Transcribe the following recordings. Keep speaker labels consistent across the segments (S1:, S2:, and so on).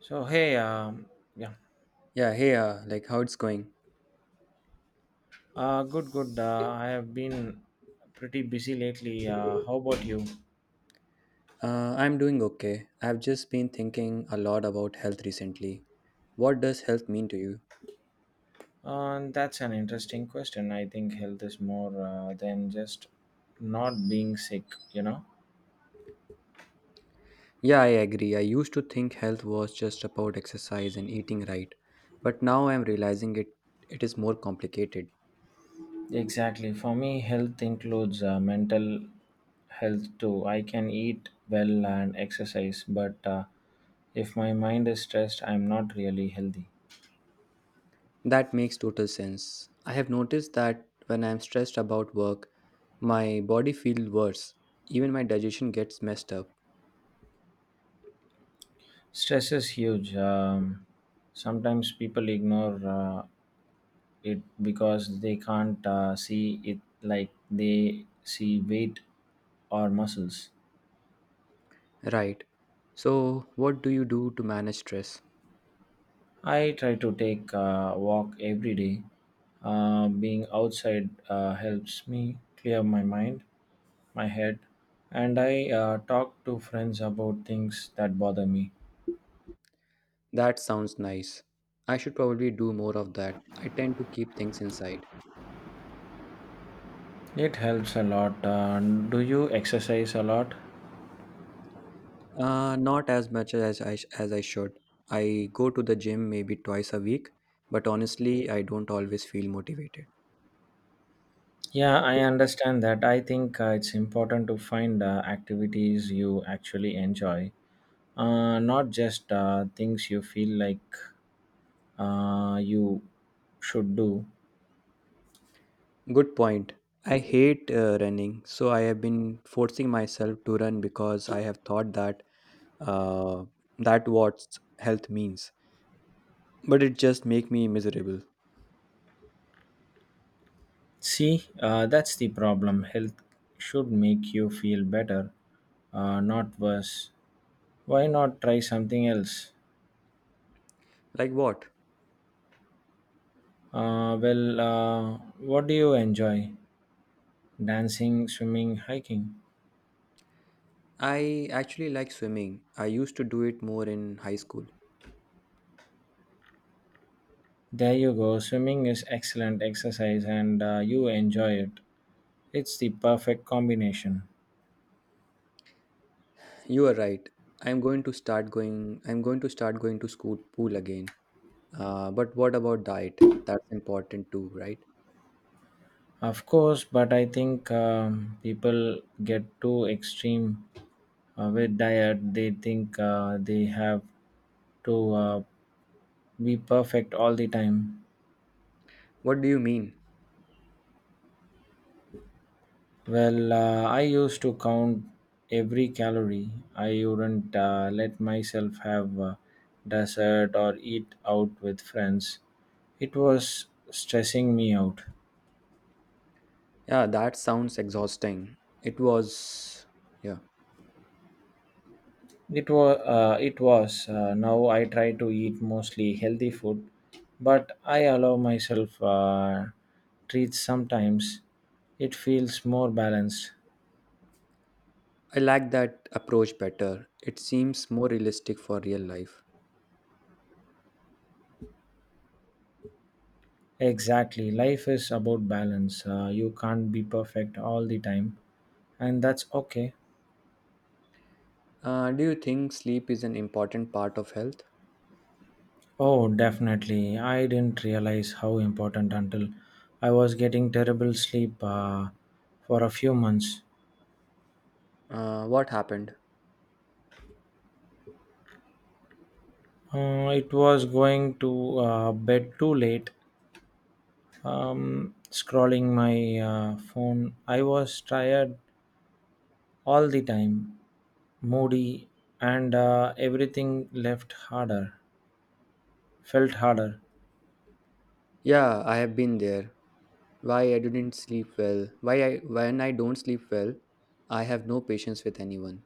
S1: So hey, yeah,
S2: Yeah, hey, like how it's going?
S1: good, good. I have been pretty busy lately. How about you?
S2: I'm doing okay. I've just been thinking a lot about health recently. What does health mean to you?
S1: That's an interesting question. I think health is more than just not being sick. You know,
S2: Yeah, I agree. I used to think health was just about exercise and eating right, but now I'm realizing it is more complicated.
S1: exactly. For me, health includes mental health too. I can eat well and exercise, but if my mind is stressed, I'm not really healthy.
S2: That makes total sense. I have noticed that when I'm stressed about work, my body feels worse. Even my digestion gets messed up.
S1: Stress is huge. Sometimes people ignore it because they can't see it like they see weight or muscles.
S2: Right. So, what do you do to manage stress?
S1: I try to take a walk every day. Being outside helps me clear my mind, my head, and I talk to friends about things that bother me.
S2: That sounds nice. I should probably do more of that. I tend to keep things inside.
S1: It helps a lot. Do you exercise a lot?
S2: Not as much as I should. I go to the gym maybe twice a week, but honestly, I don't always feel motivated.
S1: Yeah, I understand that. I think it's important to find activities you actually enjoy. Not just things you feel like you should do.
S2: Good point. I hate running, so I have been forcing myself to run because I have thought that uh, that what health means. But it just make me miserable.
S1: See, that's the problem. Health should make you feel better, not worse. Why not try something else?
S2: Like what?
S1: Uh, well, uh, what do you enjoy? Dancing, swimming, hiking.
S2: I actually like swimming. I used to do it more in high school.
S1: There you go. Swimming is excellent exercise and you enjoy it. It's the perfect combination.
S2: You are right. I'm going to start going to school pool again. But what about diet? That's important too, right?
S1: Of course, but I think people get too extreme with diet. They think they have to be perfect all the time.
S2: What do you mean?
S1: Well, I used to count every calorie. I wouldn't let myself have dessert or eat out with friends. It was stressing me out.
S2: Yeah, that sounds exhausting. It was. Yeah,
S1: It was. It was. Now I try to eat mostly healthy food, but I allow myself treats sometimes. It feels more balanced.
S2: I like that approach better. It seems more realistic for real life.
S1: Exactly. Life is about balance. You can't be perfect all the time, and that's okay.
S2: Do you think sleep is an important part of health?
S1: Oh, definitely. I didn't realize how important until I was getting terrible sleep for a few months.
S2: What happened?
S1: It was going to bed too late, scrolling my phone. I was tired all the time, moody, and everything left harder felt harder.
S2: Yeah, I have been there. Why I didn't sleep well? Why I when I don't sleep well, I have no patience with anyone.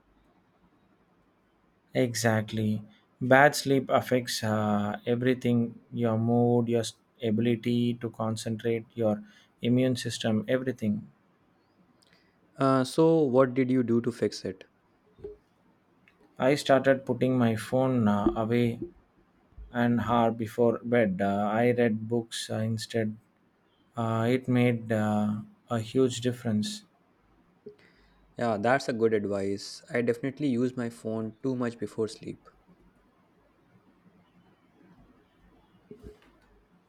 S1: Exactly, bad sleep affects everything: your mood, your ability to concentrate, your immune system, everything.
S2: So, what did you do to fix it?
S1: I started putting my phone away an hour before bed. I read books instead. It made a huge difference.
S2: Yeah, that's a good advice. I definitely use my phone too much before sleep.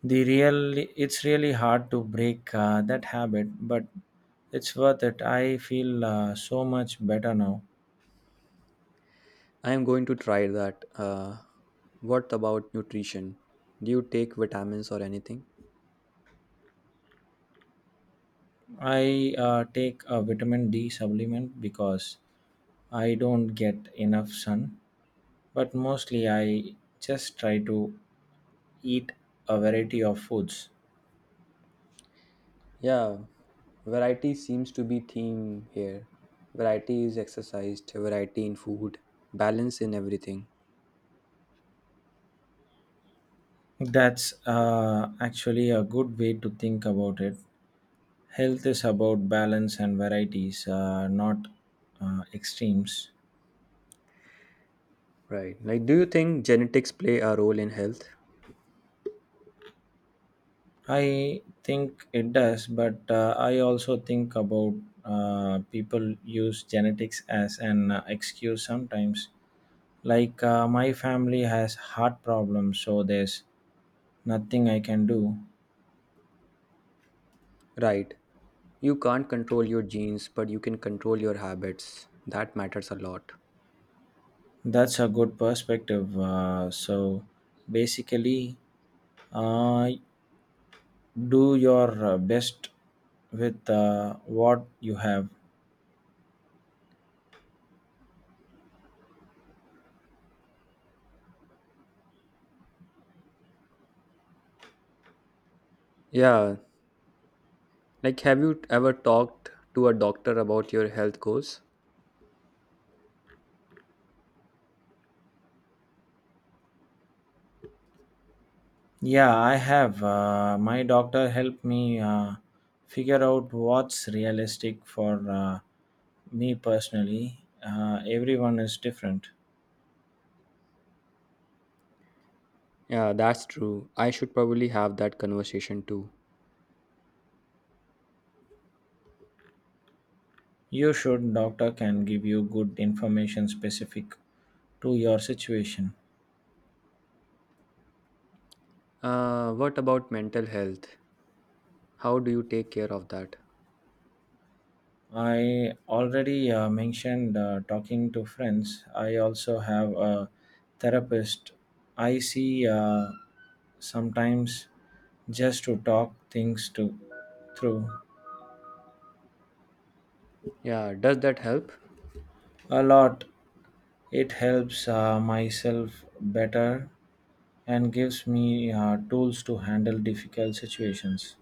S1: It's really hard to break that habit, but it's worth it. I feel so much better now.
S2: I am going to try that. What about nutrition? Do you take vitamins or anything?
S1: I take a vitamin D supplement because I don't get enough sun, but mostly I just try to eat a variety of foods.
S2: Yeah, variety seems to be theme here. Variety is exercised, variety in food, balance in everything.
S1: That's actually a good way to think about it. Health is about balance and varieties, not extremes.
S2: Right. Like do you think genetics play a role in health?
S1: I think it does, but I also think about people use genetics as an excuse sometimes. Like my family has heart problems, so there's nothing I can do.
S2: Right. You can't control your genes, but you can control your habits. That matters a lot.
S1: That's a good perspective. So basically, uh, do your best with what you have.
S2: Yeah. Like have you ever talked to a doctor about your health goals?
S1: Yeah, I have. My doctor helped me figure out what's realistic for me personally. Everyone is different.
S2: Yeah, that's true. I should probably have that conversation too.
S1: You should, doctor can give you good information specific to your situation.
S2: What about mental health? How do you take care of that?
S1: I already mentioned talking to friends. I also have a therapist. I see sometimes just to talk things to through
S2: Yeah, does that help?
S1: a lot. It helps myself better and gives me tools to handle difficult situations.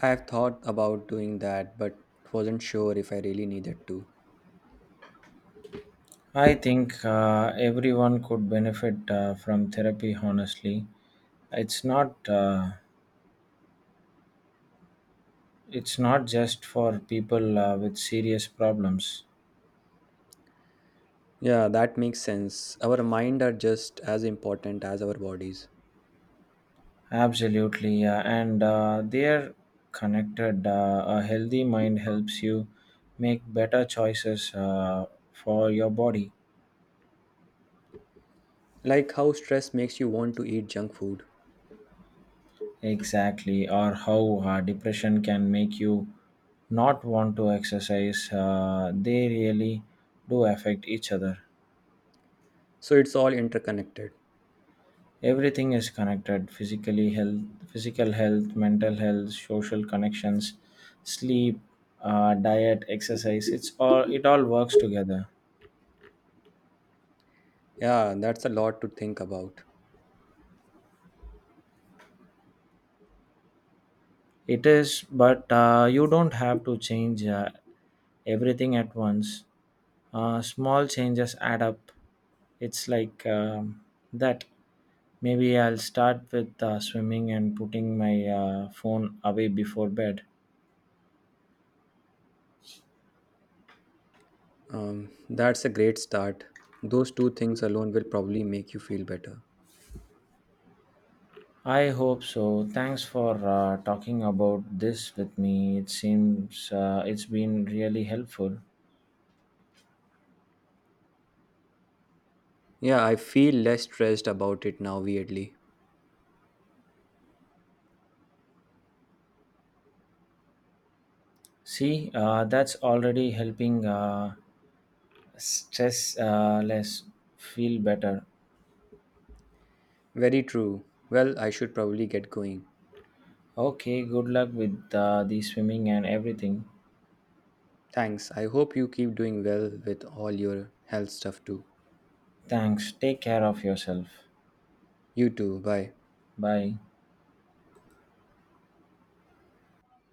S2: I've thought about doing that, but wasn't sure if I really needed to.
S1: I think everyone could benefit from therapy. Honestly, it's not uh, it's not just for people with serious problems.
S2: Yeah, that makes sense. Our mind are just as important as our bodies.
S1: Absolutely, and they are connected. A healthy mind helps you make better choices for your body.
S2: Like how stress makes you want to eat junk food.
S1: Exactly, or how depression can make you not want to exercise. They really do affect each other.
S2: So it's all interconnected.
S1: Everything is connected: physical health, mental health, social connections, sleep, diet, exercise. It all works together.
S2: Yeah, that's a lot to think about.
S1: It is, but you don't have to change everything at once. Small changes add up. It's like that. Maybe I'll start with swimming and putting my phone away before bed.
S2: That's a great start. Those two things alone will probably make you feel better.
S1: I hope so. Thanks for talking about this with me. It seems it's been really helpful.
S2: Yeah, I feel less stressed about it now, weirdly.
S1: See, that's already helping stress less, feel better.
S2: Very true. Well, I should probably get going.
S1: Okay, good luck with the swimming and everything.
S2: Thanks. I hope you keep doing well with all your health stuff too.
S1: Thanks. Take care of yourself.
S2: You too. Bye.
S1: Bye.